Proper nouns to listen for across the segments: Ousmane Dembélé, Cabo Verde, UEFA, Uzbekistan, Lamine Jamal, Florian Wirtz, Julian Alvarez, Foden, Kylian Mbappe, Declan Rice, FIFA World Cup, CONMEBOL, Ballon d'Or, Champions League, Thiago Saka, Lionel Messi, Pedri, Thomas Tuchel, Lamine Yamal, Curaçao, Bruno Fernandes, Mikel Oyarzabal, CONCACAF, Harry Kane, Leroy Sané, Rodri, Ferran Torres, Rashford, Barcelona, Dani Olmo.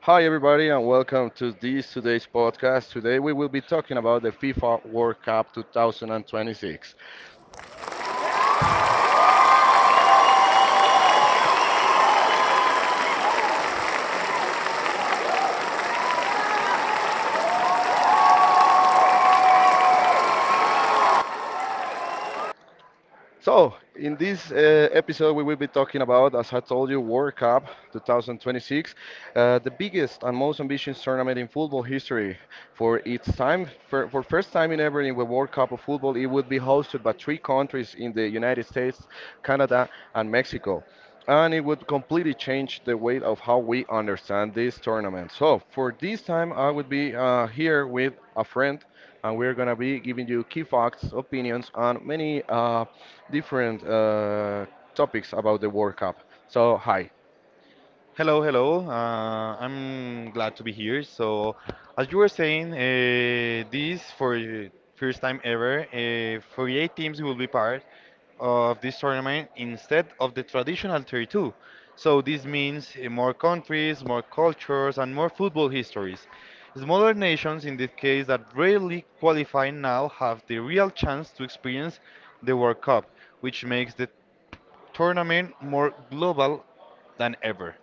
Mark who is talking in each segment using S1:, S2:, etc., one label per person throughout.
S1: Hi, everybody, and welcome to this today's podcast. Today, we will be talking about the FIFA World Cup 2026. So, in this episode, we will be talking about, as I told you, World Cup 2026, the biggest and most ambitious tournament in football history. For its time, for first time in ever in the World Cup of football, it would be hosted by three countries in the United States, Canada, and Mexico. And it would completely change the way of how we understand this tournament. So, for this time, I would be here with a friend, and we're gonna be giving you key facts, opinions, and many different topics about the World Cup. So, hi.
S2: Hello, hello. I'm glad to be here. So, as you were saying, this for the first time ever, 48 teams will be part of this tournament instead of the traditional 32. So this means more countries, more cultures, and more football histories. Smaller nations, in this case, that rarely qualify now have the real chance to experience the World Cup, which makes the tournament more global than ever.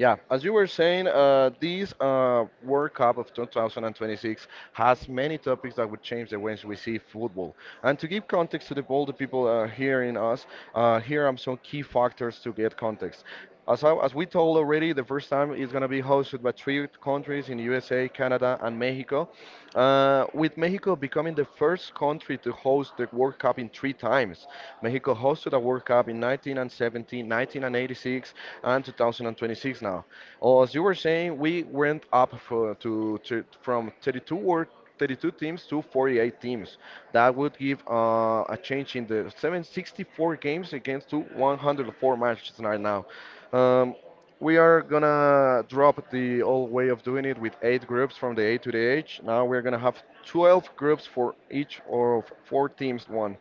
S1: Yeah, as you were saying, this World Cup of 2026 has many topics that would change the ways we see football. And to give context to the all the people hearing us, here are some key factors to get context. As we told already, the first time it's going to be hosted by three countries in USA, Canada, and Mexico. With Mexico becoming the first country to host the World Cup in three times. Mexico hosted a World Cup in 1970, 1986, and 2026 now. Oh, as you were saying, we went up for, to from 32 World 32 teams to 48 teams. That would give a change in the 764 games against to 104 matches right now. Um, we are gonna drop the old way of doing it with eight groups from the A to the H. Now we're gonna have 12 groups for each of four teams. One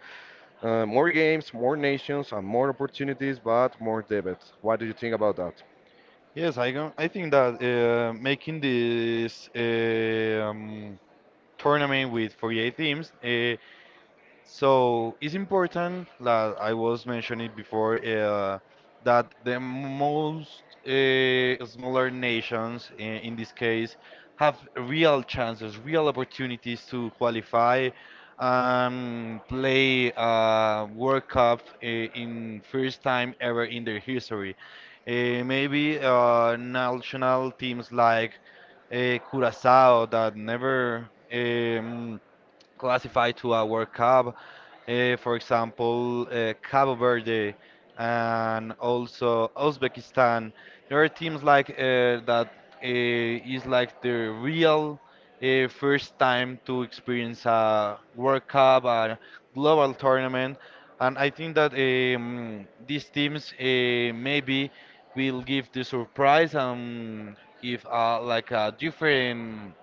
S1: More games, more nations, and more opportunities, but more debit. What do you think about that?
S2: Yes, I think that making this tournament with 48 teams so it's important that I was mentioning before that the most smaller nations, in this case, have real chances, real opportunities to qualify and play World Cup in first time ever in their history. Maybe national teams like uh, Curaçao that never. Classified to our cup. For example, Cabo Verde and also Uzbekistan. There are teams like that is like the real first time to experience a World Cup, a global tournament, and I think that these teams maybe will give the surprise and give like a different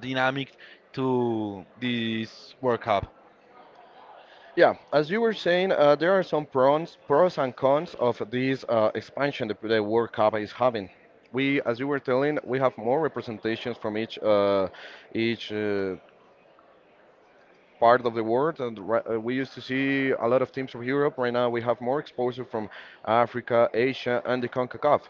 S2: dynamic to this World Cup.
S1: Yeah, as you were saying, there are some pros and cons of this expansion that the World Cup is having. We, as you were telling, we have more representations from each part of the world, and we used to see a lot of teams from Europe. Right now, we have more exposure from Africa, Asia, and the CONCACAF.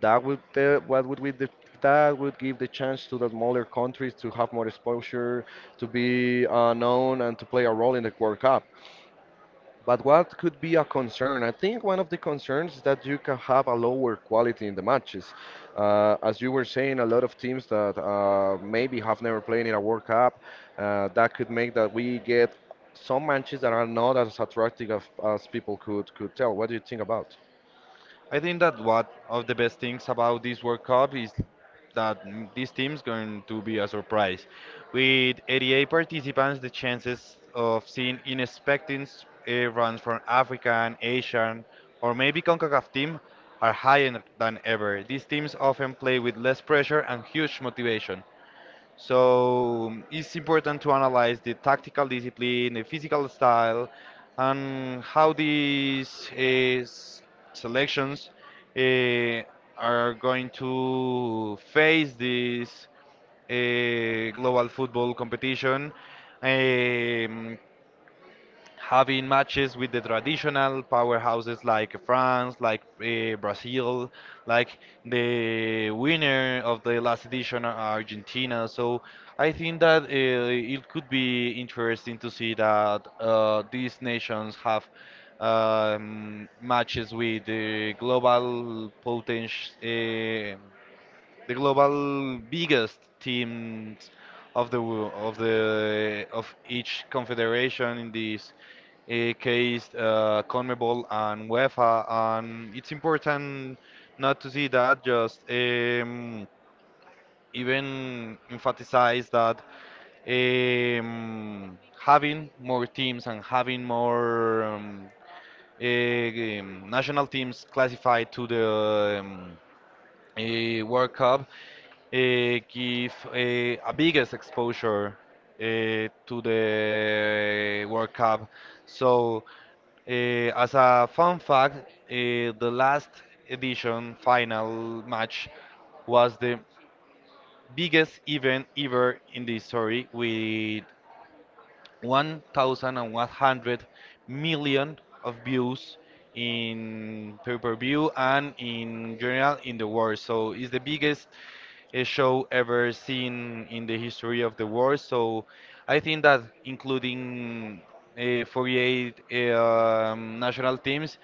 S1: That would uh, what would we the, that would give the chance to the smaller countries to have more exposure, to be known, and to play a role in the World Cup. But what could be a concern? I think one of the concerns is that you can have a lower quality in the matches. As you were saying, a lot of teams that maybe have never played in a World Cup, that could make that we get some matches that are not as attractive as people could tell. What do you think about?
S2: I think that one of the best things about this World Cup is that this team's going to be a surprise. With 88 participants, the chances of seeing unexpected runs from African, Asian, or maybe CONCACAF team are higher than ever. These teams often play with less pressure and huge motivation. So it's important to analyze the tactical discipline, the physical style, and how these s- selections uh, are going to face this global football competition. Um, Having matches with the traditional powerhouses like France, like Brazil, like the winner of the last edition, Argentina. So I think that it could be interesting to see that these nations have matches with the global potential. Uh, the global biggest teams of the wo- of the of each confederation in this case CONMEBOL and UEFA, and it's important not to see that just even emphasize that having more teams and having more national teams classified to the World Cup give a biggest exposure uh, to the World Cup. So, as a fun fact, the last edition final match was the biggest event ever in the history with 1,100 million of views in pay-per-view and in general in the world. So it's the biggest a show ever seen in the history of the world. So I think that including 48 national teams,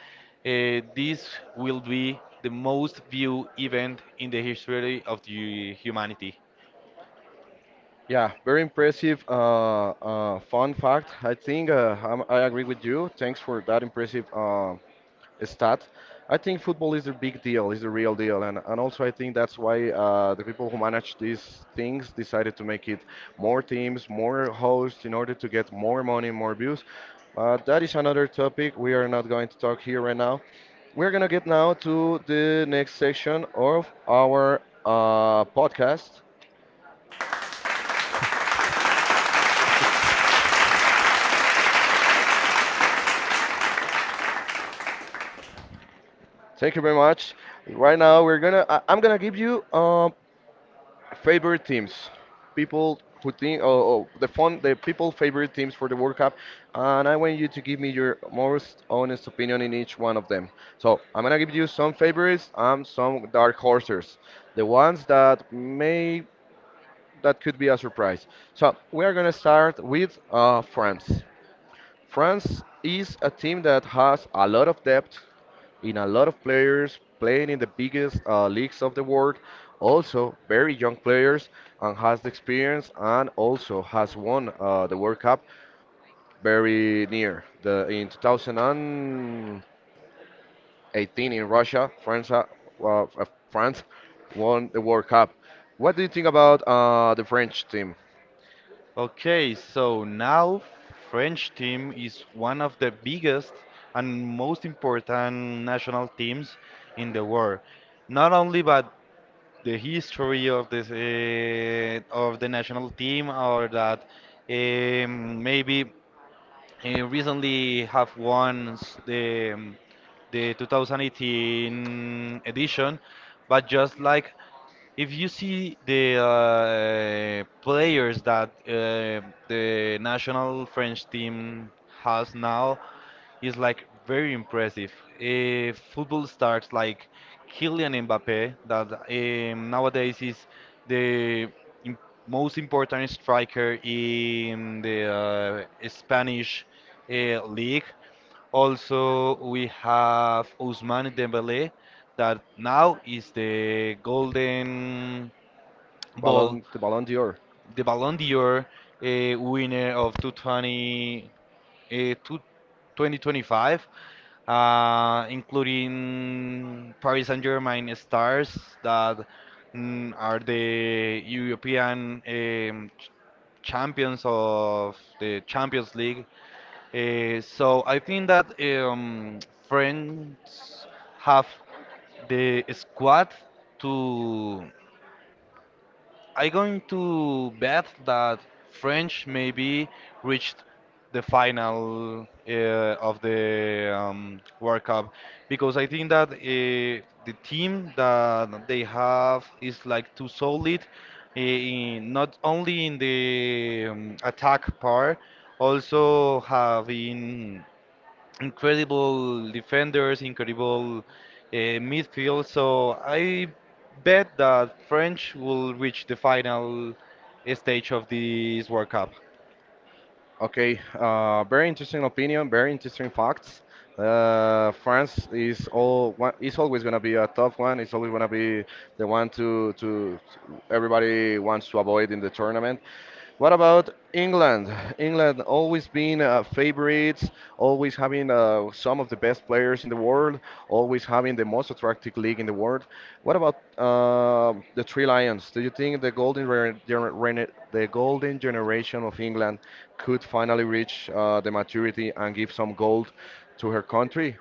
S2: uh, this will be the most viewed event in the history of the humanity.
S1: Yeah, very impressive. Fun fact. I think I agree with you. Thanks for that impressive stat. I think football is a big deal, is a real deal, and also I think that's why the people who manage these things decided to make it more teams, more hosts, in order to get more money, more views. That is another topic we are not going to talk here right now. We're gonna get now to the next section of our podcast. Thank you very much. Right now, we're gonna. I, I'm gonna give you favorite teams, people who think, the people favorite teams for the World Cup, and I want you to give me your most honest opinion in each one of them. So I'm gonna give you some favorites and some dark horses, the ones that may that could be a surprise. So we are gonna start with France. France is a team that has a lot of depth in a lot of players playing in the biggest leagues of the world, also very young players and has the experience and also has won the World Cup very near. The in 2018 in Russia, well, uh, France won the World Cup. What do you think about the French team?
S2: Okay, so now French team is one of the biggest and most important national teams in the world. Not only but the history of the national team or that maybe recently have won the 2018 edition, but just like if you see the players that the national French team has now, is like very impressive. Football stars like Kylian Mbappe, that nowadays is the im- most important striker in the Spanish league. Also, we have Ousmane Dembélé that now is the Golden Ball,
S1: The Ballon d'Or?
S2: the Ballon d'Or winner of 220, 2025, including Paris Saint-Germain stars that are the European champions of the Champions League so I think that friends have the squad to. I going to bet that French maybe reached the final of the World Cup because I think that the team that they have is like too solid in, not only in the attack part, also having incredible defenders, incredible midfield. So I bet that French will reach the final stage of this World Cup.
S1: Okay, very interesting opinion, very interesting facts. France is always gonna be a tough one. It's always gonna be the one to everybody wants to avoid in the tournament. What about England? England always been favorites leagues, always having some of the best players in the world, always having the most attractive league in the world. What about the Three Lions? Do you think the golden generation of England could finally reach the maturity and give some gold to her country?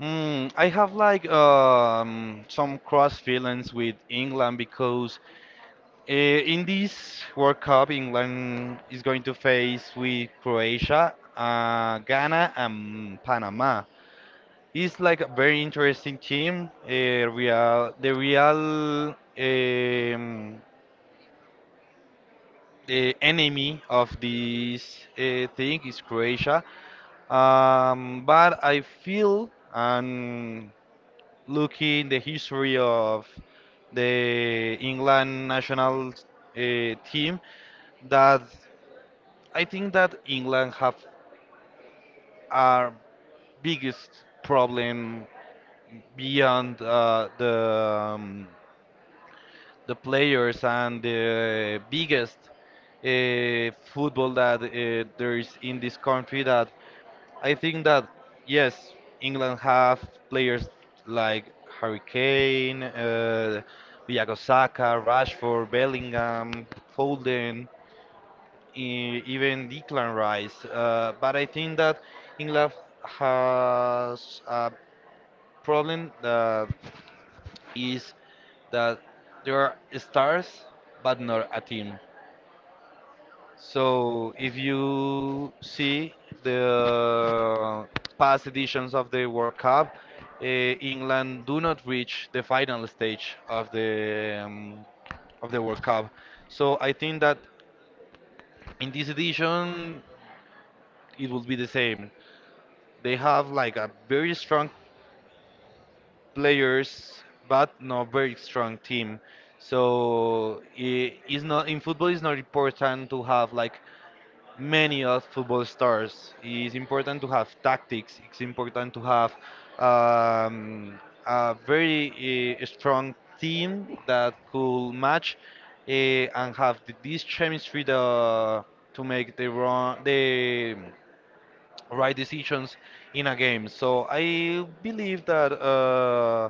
S2: I have like some cross feelings with England because in this World Cup, England is going to face with Croatia, Ghana, and Panama. It's like a very interesting team. The real um, uh, enemy of this thing is Croatia. But I feel and looking the history of the England national team that I think that England have our biggest problem beyond the players and the biggest football that there is in this country that I think that yes, England have players like Harry Kane, Thiago Saka, Rashford, Bellingham, Foden, even Declan Rice. But I think that England has a problem that is that there are stars but not a team. So if you see the past editions of the World Cup, England do not reach the final stage of the World Cup. So I think that in this edition it will be the same. They have like a very strong players, but not very strong team. So it's not in football. It's not important to have like many of football stars. It's important to have tactics. It's important to have um, a very strong team that could match and have this chemistry to make the right decisions in a game. So I believe that.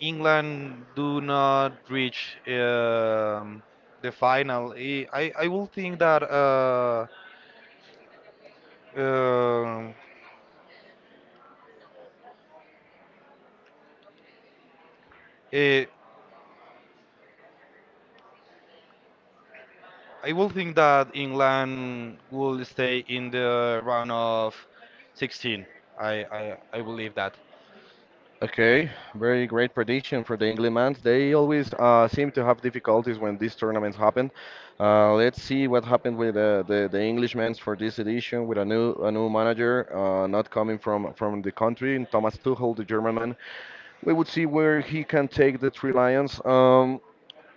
S2: England do not reach the final. I will think um, eh, that England will stay in the round of 16. I believe that.
S1: Okay, very great prediction for the England. They always seem to have difficulties when these tournaments happen. Let's see what happened with the Englishmen for this edition with a new manager not coming from the country, Thomas Tuchel, the German man. We would see where he can take the three lions. Um,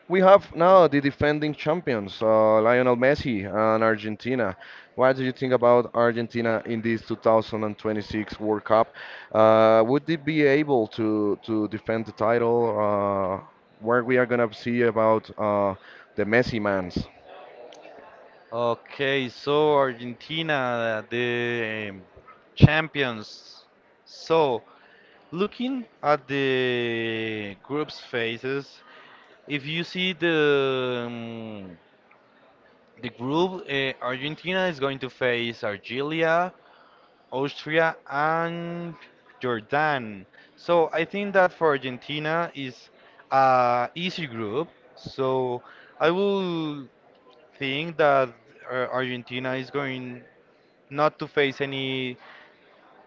S1: we have now the defending champions, Lionel Messi and Argentina. What do you think about Argentina in this 2026 World Cup? Would they be able to defend the title? Where we are gonna see about the Messi mans?
S2: Okay, so Argentina, the champions. So, looking at the group's faces, if you see the group Argentina is going to face Algeria, Austria, and Jordan. So I think that for Argentina is a easy group. So I will think that Argentina is going not to face any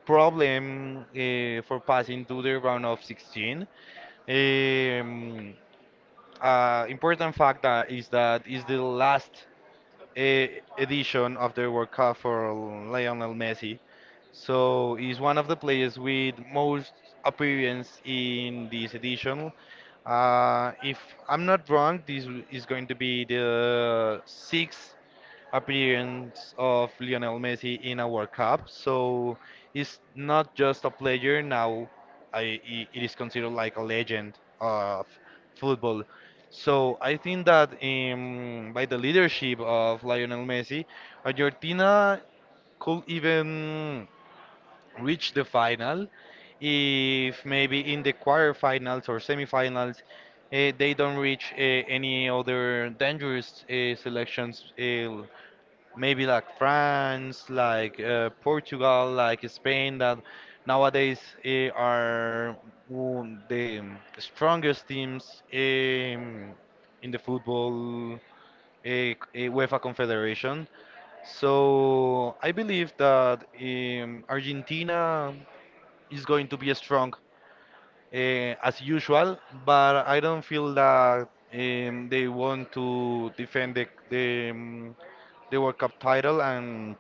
S2: problem for passing to the round of 16. Um, Important fact that is the last edition of the World Cup for Lionel Messi. So he's one of the players with most appearance in this edition. If I'm not wrong, this is going to be the sixth appearance of Lionel Messi in a World Cup. So it's not just a player now; it is considered like a legend of football. So I think that by the leadership of Lionel Messi, Argentina could even reach the final if maybe in the quarterfinals or semifinals they don't reach any other dangerous selections maybe like France, like Portugal, like Spain, that nowadays are the strongest teams in the football UEFA Confederation. So I believe that Argentina is going to be strong as usual, but I don't feel that they want to defend the World Cup title and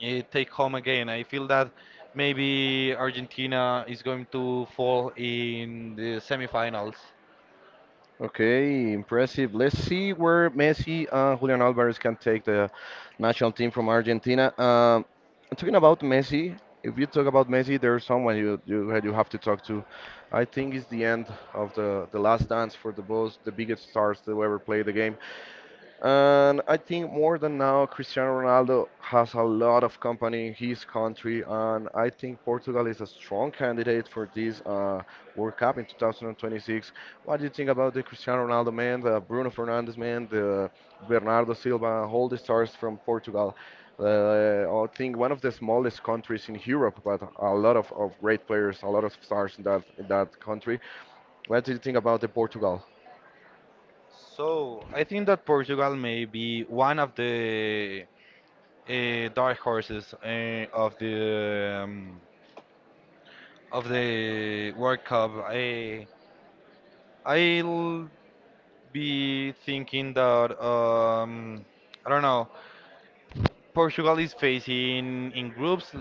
S2: take home again. I feel that maybe Argentina is going to fall in the semifinals.
S1: Okay, impressive. Let's see where Messi and Julian Alvarez can take the national team from Argentina. I'm talking about Messi. If you talk about Messi, there's someone you have to talk to. I think it's the end of the last dance for the both the biggest stars that ever played the game. And I think more than now, Cristiano Ronaldo has a lot of company in his country, and I think Portugal is a strong candidate for this World Cup in 2026. What do you think about the Cristiano Ronaldo man, the Bruno Fernandes man, the Bernardo Silva, all the stars from Portugal? I think one of the smallest countries in Europe, but a lot of great players, a lot of stars in that country. What do you think about the Portugal?
S2: So I think that Portugal may be one of the dark horses of the World Cup. I'll be thinking that I don't know. Portugal is facing in groups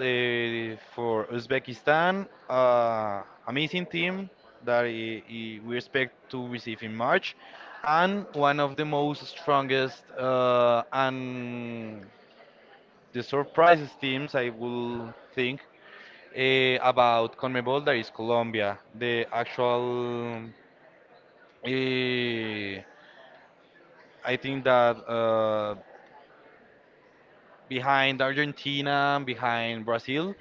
S2: for Uzbekistan, amazing team that we expect to receive in March, and one of the most strongest and the surprises teams I will think about CONMEBOL that is Colombia. The actual, uh, I think that. Behind Argentina, behind Brazil,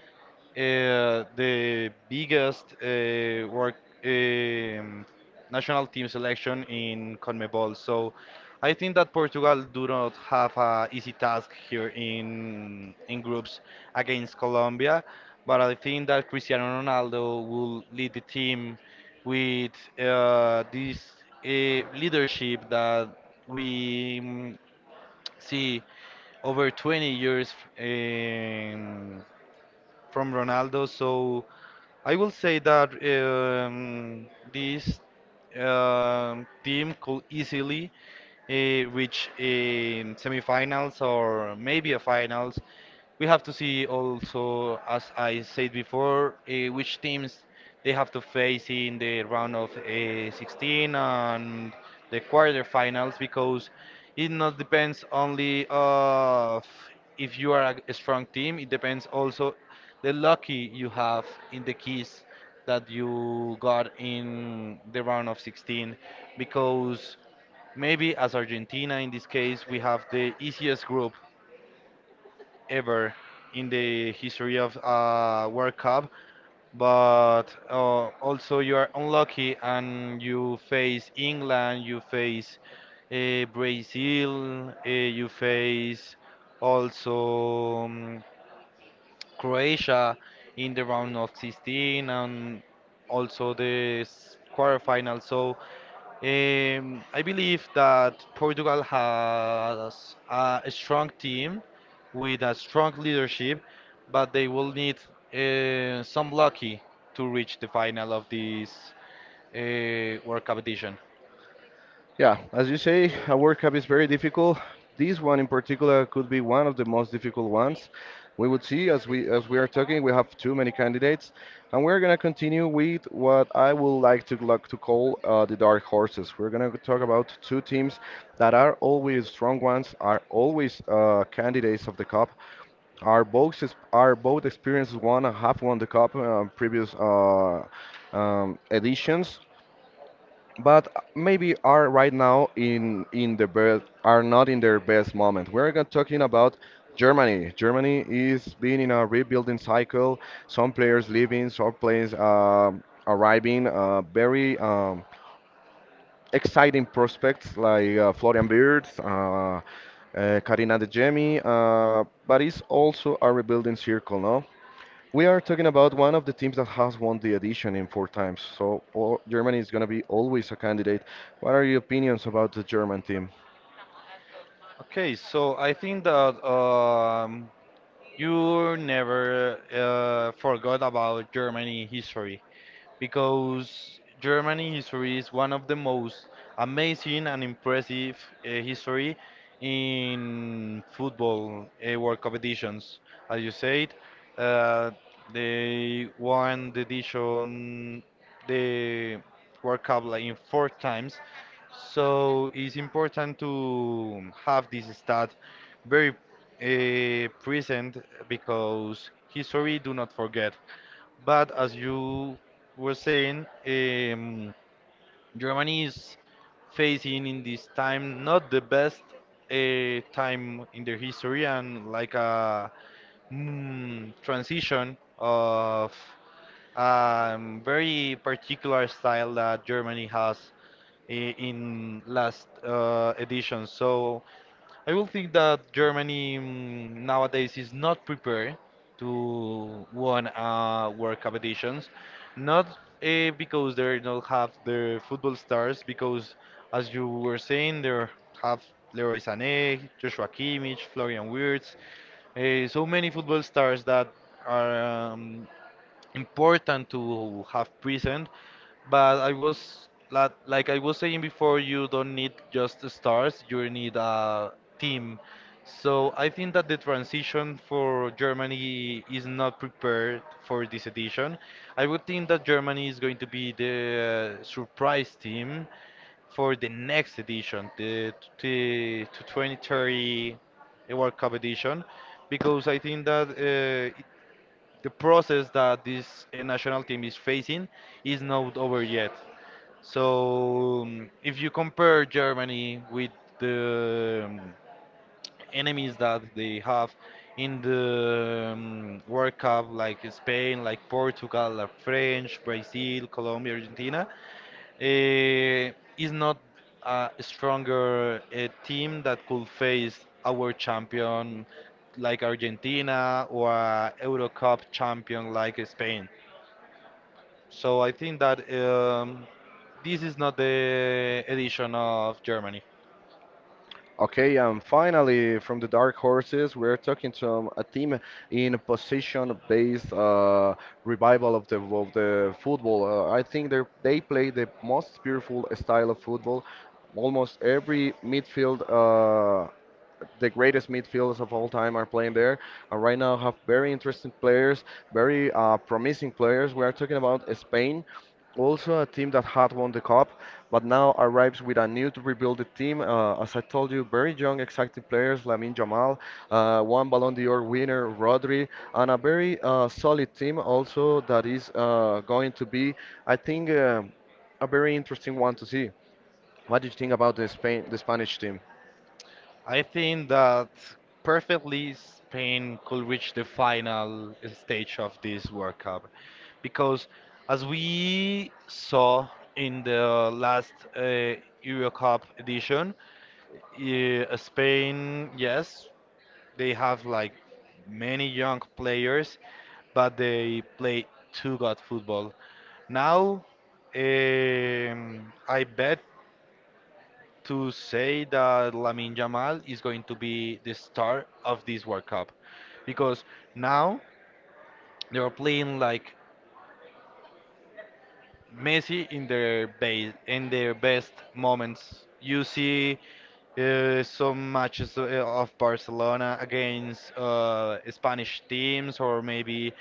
S2: the biggest work um, national team selection in CONMEBOL. So I think that Portugal do not have a easy task here in groups against Colombia, but I think that Cristiano Ronaldo will lead the team with this leadership that we see over 20 years um, from Ronaldo. So I will say that this team could easily reach semifinals or maybe a finals. We have to see also, as I said before, which teams. They have to face in the round of 16 and the quarterfinals because it not depends only of if you are a strong team. It depends also the lucky you have in the keys that you got in the round of 16 because maybe as Argentina in this case we have the easiest group ever in the history of World Cup, but also you are unlucky and you face England, you face Brazil, you face also. Croatia in the round of 16 and also the quarterfinal. So I believe that Portugal has a strong team with a strong leadership, but they will need some lucky to reach the final of this World Cup edition.
S1: Yeah, as you say, a World Cup is very difficult. This one in particular could be one of the most difficult ones. We would see as we are talking, we have too many candidates, and we're gonna continue with what I would like to call the dark horses. We're gonna talk about two teams that are always strong ones, are always candidates of the cup. Are both experienced one and have won the cup previous editions, but maybe are right now in the best are not in their best moment. We're gonna talking about Germany. Germany is being in a rebuilding cycle. Some players leaving, some players arriving. Very exciting prospects like Florian Wirtz, Karina De Jemi, but it's also a rebuilding circle, no? We are talking about one of the teams that has won the edition in four times, so all, Germany is going to be always a candidate. What are your opinions about the German team?
S2: Okay, so I think that you never forgot about Germany history. Because Germany history is one of the most amazing and impressive history in football world competitions. As you said, uh, they won the edition, the World Cup like in four times. So it's important to have this stat very present because history do not forget. But as you were saying, Germany is facing in this time not the best time in their history and like a transition of very particular style that Germany has in last edition. So I will think that Germany nowadays is not prepared to won World competitions, not because they don't have their football stars, because as you were saying, they have Leroy Sané, Joshua Kimmich, Florian Wirtz, so many football stars that are important to have present, but I was like I was saying before, you don't need just the stars, you need a team. So I think that the transition for Germany is not prepared for this edition. I would think that Germany is going to be the surprise team for the next edition, to 2030 World Cup edition, because I think that the process that this national team is facing is not over yet. So, if you compare Germany with the enemies that they have in the World Cup, like Spain, like Portugal, like French, Brazil, Colombia, Argentina, uh, is not a stronger team that could face our champion like Argentina or a Euro Cup champion like Spain. So I think that this is not the edition of Germany.
S1: Okay, and finally, from the Dark Horses, we're talking to a team in position-based revival of the football. I think they play the most beautiful style of football. Almost every midfield the greatest midfielders of all time are playing there. And right now have very interesting players, very promising players. We are talking about Spain, also a team that had won the cup, but now arrives with a new to rebuild the team. As I told you, very young, exciting players: Lamine Jamal, one Ballon d'Or winner, Rodri, and a very solid team also that is going to be, I think, a very interesting one to see. What do you think about the Spain, the Spanish team?
S2: I think that perfectly Spain could reach the final stage of this World Cup because, as we saw in the last Euro Cup edition, Spain, yes, they have like many young players, but they play too good football. Now, I bet to say that Lamine Yamal is going to be the star of this World Cup because now they are playing like Messi in their base in their best moments. You see some matches of Barcelona against Spanish teams or maybe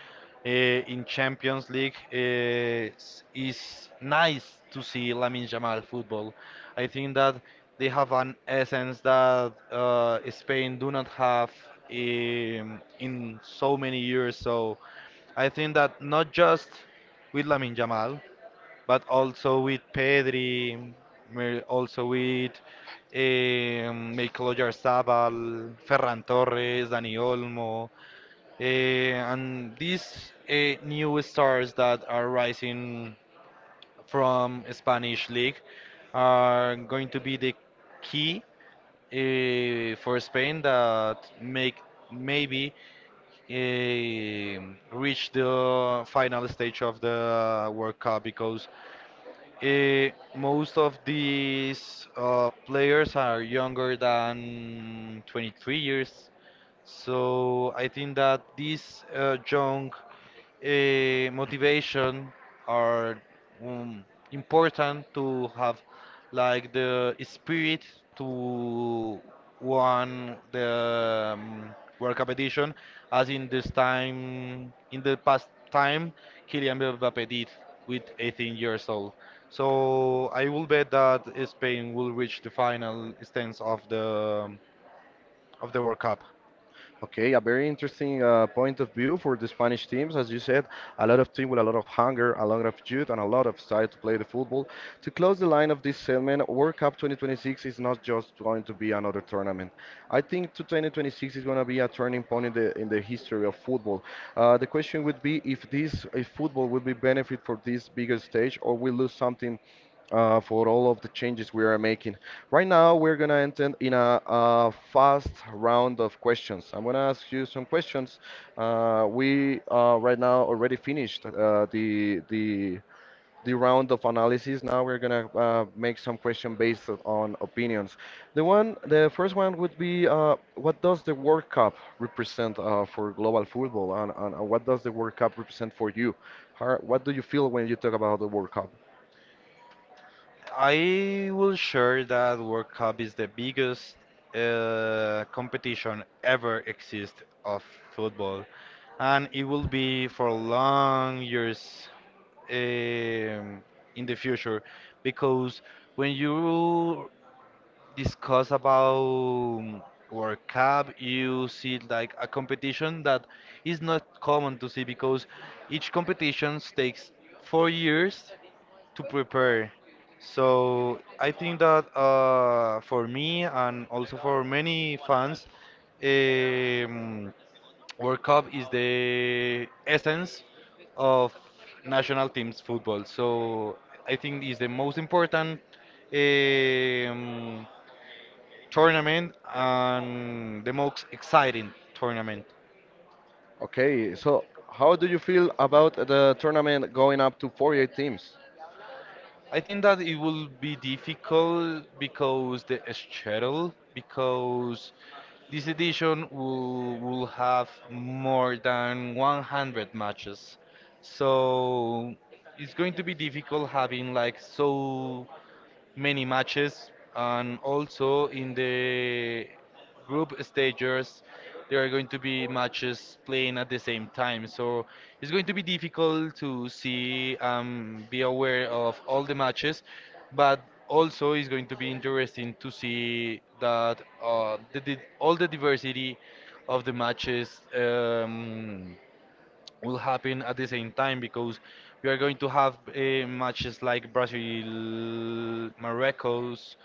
S2: in Champions League. It's nice to see Lamine Yamal football. I think that they have an essence that Spain do not have in so many years. So I think that not just with Lamine Yamal but also with Pedri, also with Mikel Oyarzabal, Ferran Torres, Dani Olmo, and these new stars that are rising from Spanish league are going to be the key for Spain that make maybe eh, reach the final stage of the World Cup because eh, most of these players are younger than 23 years, so I think that these young motivation are um, important to have like the spirit to won the World Cup edition as in this time in the past time Kylian Mbappe did with 18 years old. So I will bet that Spain will reach the final stance of the World Cup.
S1: Okay, a very interesting point of view for the Spanish teams. As you said, a lot of team with a lot of hunger, a lot of youth, and a lot of style to play the football. To close the line of this segment, World Cup 2026 is not just going to be another tournament. I think to 2026 is going to be a turning point in the history of football. The question would be if football will be benefit for this bigger stage or we lose something for all of the changes we are making. Right now, we're gonna enter in a fast round of questions. I'm gonna ask you some questions. We right now already finished the round of analysis. Now we're gonna make some question based on opinions. The first one would be, what does the World Cup represent for global football, and what does the World Cup represent for you? How, what do you feel when you talk about the World Cup?
S2: I will share that World Cup is the biggest competition ever exist of football, and it will be for long years um, in the future because when you discuss about World Cup, you see like a competition that is not common to see because each competition takes 4 years to prepare. So I think that for me and also for many fans, um, World Cup is the essence of national teams football. So I think is the most important. Um, Tournament and the most exciting tournament.
S1: Okay, so how do you feel about the tournament going up to 48 teams?
S2: I think that it will be difficult because the schedule, because this edition will have more than 100 matches. So it's going to be difficult having like so many matches, and also in the group stages there are going to be matches playing at the same time, so it's going to be difficult to see, be aware of all the matches. But also it's going to be interesting to see that the, di all the diversity of the matches will happen at the same time, because we are going to have matches like Brazil, Morocco's,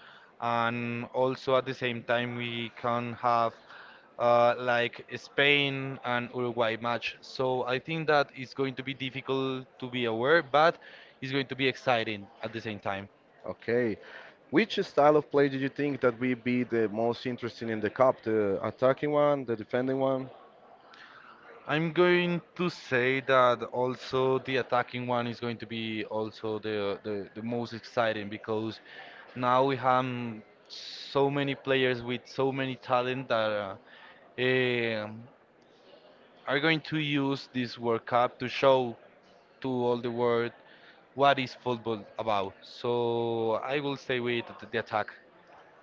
S2: and also at the same time we can have like Spain and Uruguay match. So I think that it's going to be difficult to be aware, but it's going to be exciting at the same time.
S1: Okay, which style of play did you think that would be the most interesting in the cup? The attacking one, the defending one?
S2: I'm going to say that also the attacking one is going to be also the most exciting because now we have so many players with so many talent that eh, are going to use this World Cup to show to all the world what is football about. So I will say with the attack.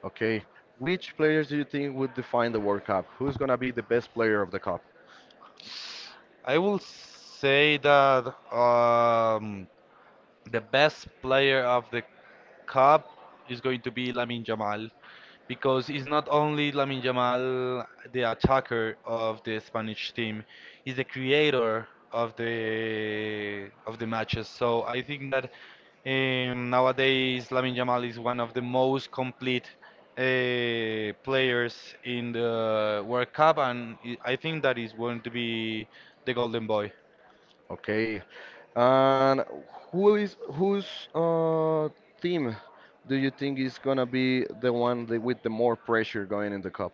S1: Okay, which players do you think would define the World Cup? Who's gonna be the best player of the cup?
S2: I will say that um, the best player of the cup is going to be Lamin Jamal, because it's not only Lamin Yamal, the attacker of the Spanish team, he's the creator of the matches. So I think that nowadays Lamin Yamal is one of the most complete players in the World Cup, and I think that is going to be the golden boy.
S1: Okay, and whose team do you think is gonna be the one that, with the more pressure going in the cup?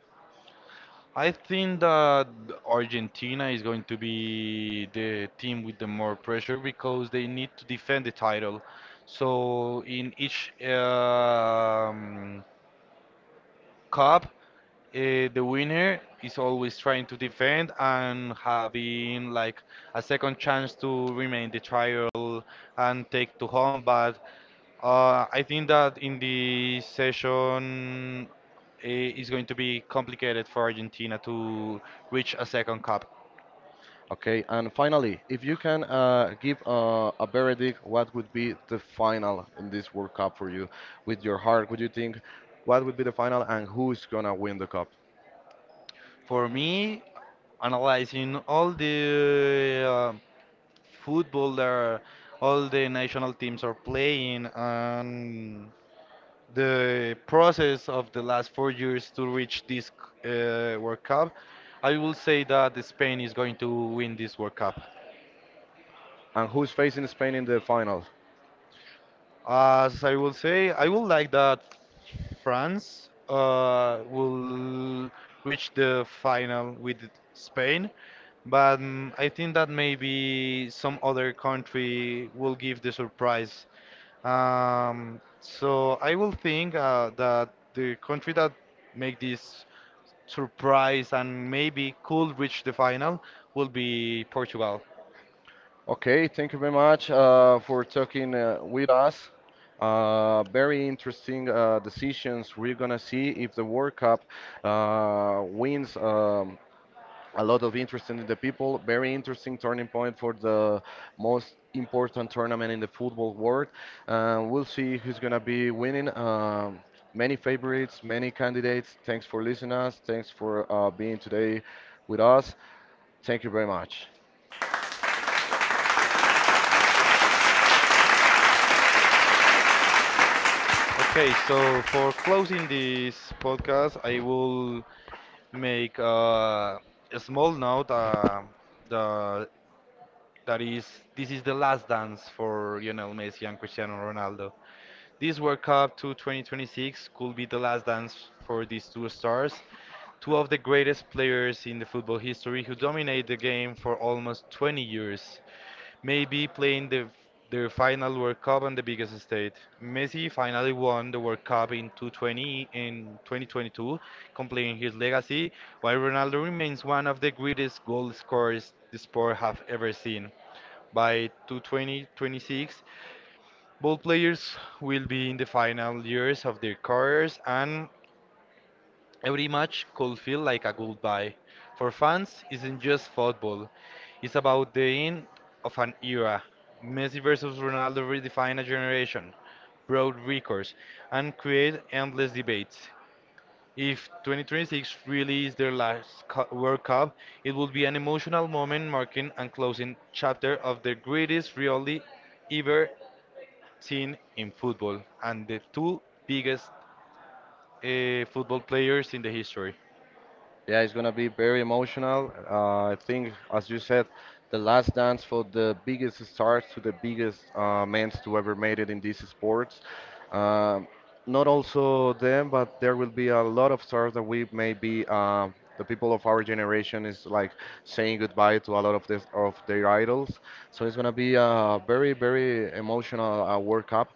S2: I think that Argentina is going to be the team with the more pressure because they need to defend the title. So in each Cup, the winner is always trying to defend and having like a second chance to remain the trial and take to home. But I think that in the session, it's going to be complicated for Argentina to reach a second cup.
S1: Okay, and finally, if you can give a verdict, what would be the final in this World Cup for you? With your heart, would you think what would be the final and who's gonna win the cup?
S2: For me, analyzing all the football that all the national teams are playing and the process of the last 4 years to reach this World Cup, I will say that Spain is going to win this World Cup.
S1: And who's facing Spain in the final?
S2: As I will say, I would like that France will reach the final with Spain, but I think that maybe some other country will give the surprise. So I will think that the country that make this surprise and maybe could reach the final will be Portugal.
S1: Okay, thank you very much for talking with us. Very interesting decisions. We're gonna see if the World Cup wins. A lot of interest in the people. Very interesting turning point for the most important tournament in the football world. We'll see who's gonna be winning. Many favorites, many candidates. Thanks for listening us. Thanks for being today with us. Thank you very much.
S2: Okay, so for closing this podcast, I will make a small note the, that is, this is the last dance for Lionel Messi and Cristiano Ronaldo. This World Cup to 2026 could be the last dance for these two stars, two of the greatest players in the football history who dominate the game for almost 20 years. Maybe playing their final World Cup on the biggest stage. Messi finally won the World Cup in 2020 in 2022, completing his legacy, while Ronaldo remains one of the greatest goal scorers the sport have ever seen. By 2026, both players will be in the final years of their careers, and every match could feel like a goodbye. For fans, isn't just football. It's about the end of an era. Messi versus Ronaldo redefine a generation, broad records, and create endless debates. If 2026 really is their World Cup, it will be an emotional moment marking and closing chapter of the greatest rivalry ever seen in football and the two biggest football players in the history.
S1: Yeah, it's gonna be very emotional. I think, as you said, the last dance for the biggest stars to the biggest men to ever made it in these sports. Um, not also them, but there will be a lot of stars that we maybe the people of our generation is like saying goodbye to a lot of this of their idols. So it's gonna be a very very emotional World Cup.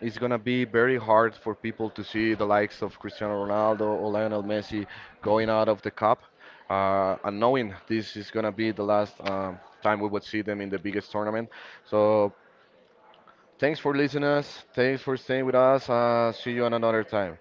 S1: It's gonna be very hard for people to see the likes of Cristiano Ronaldo or Lionel Messi going out of the cup, and knowing this is gonna be the last time we would see them in the biggest tournament. So thanks for listening us. Thanks for staying with us. See you on another time.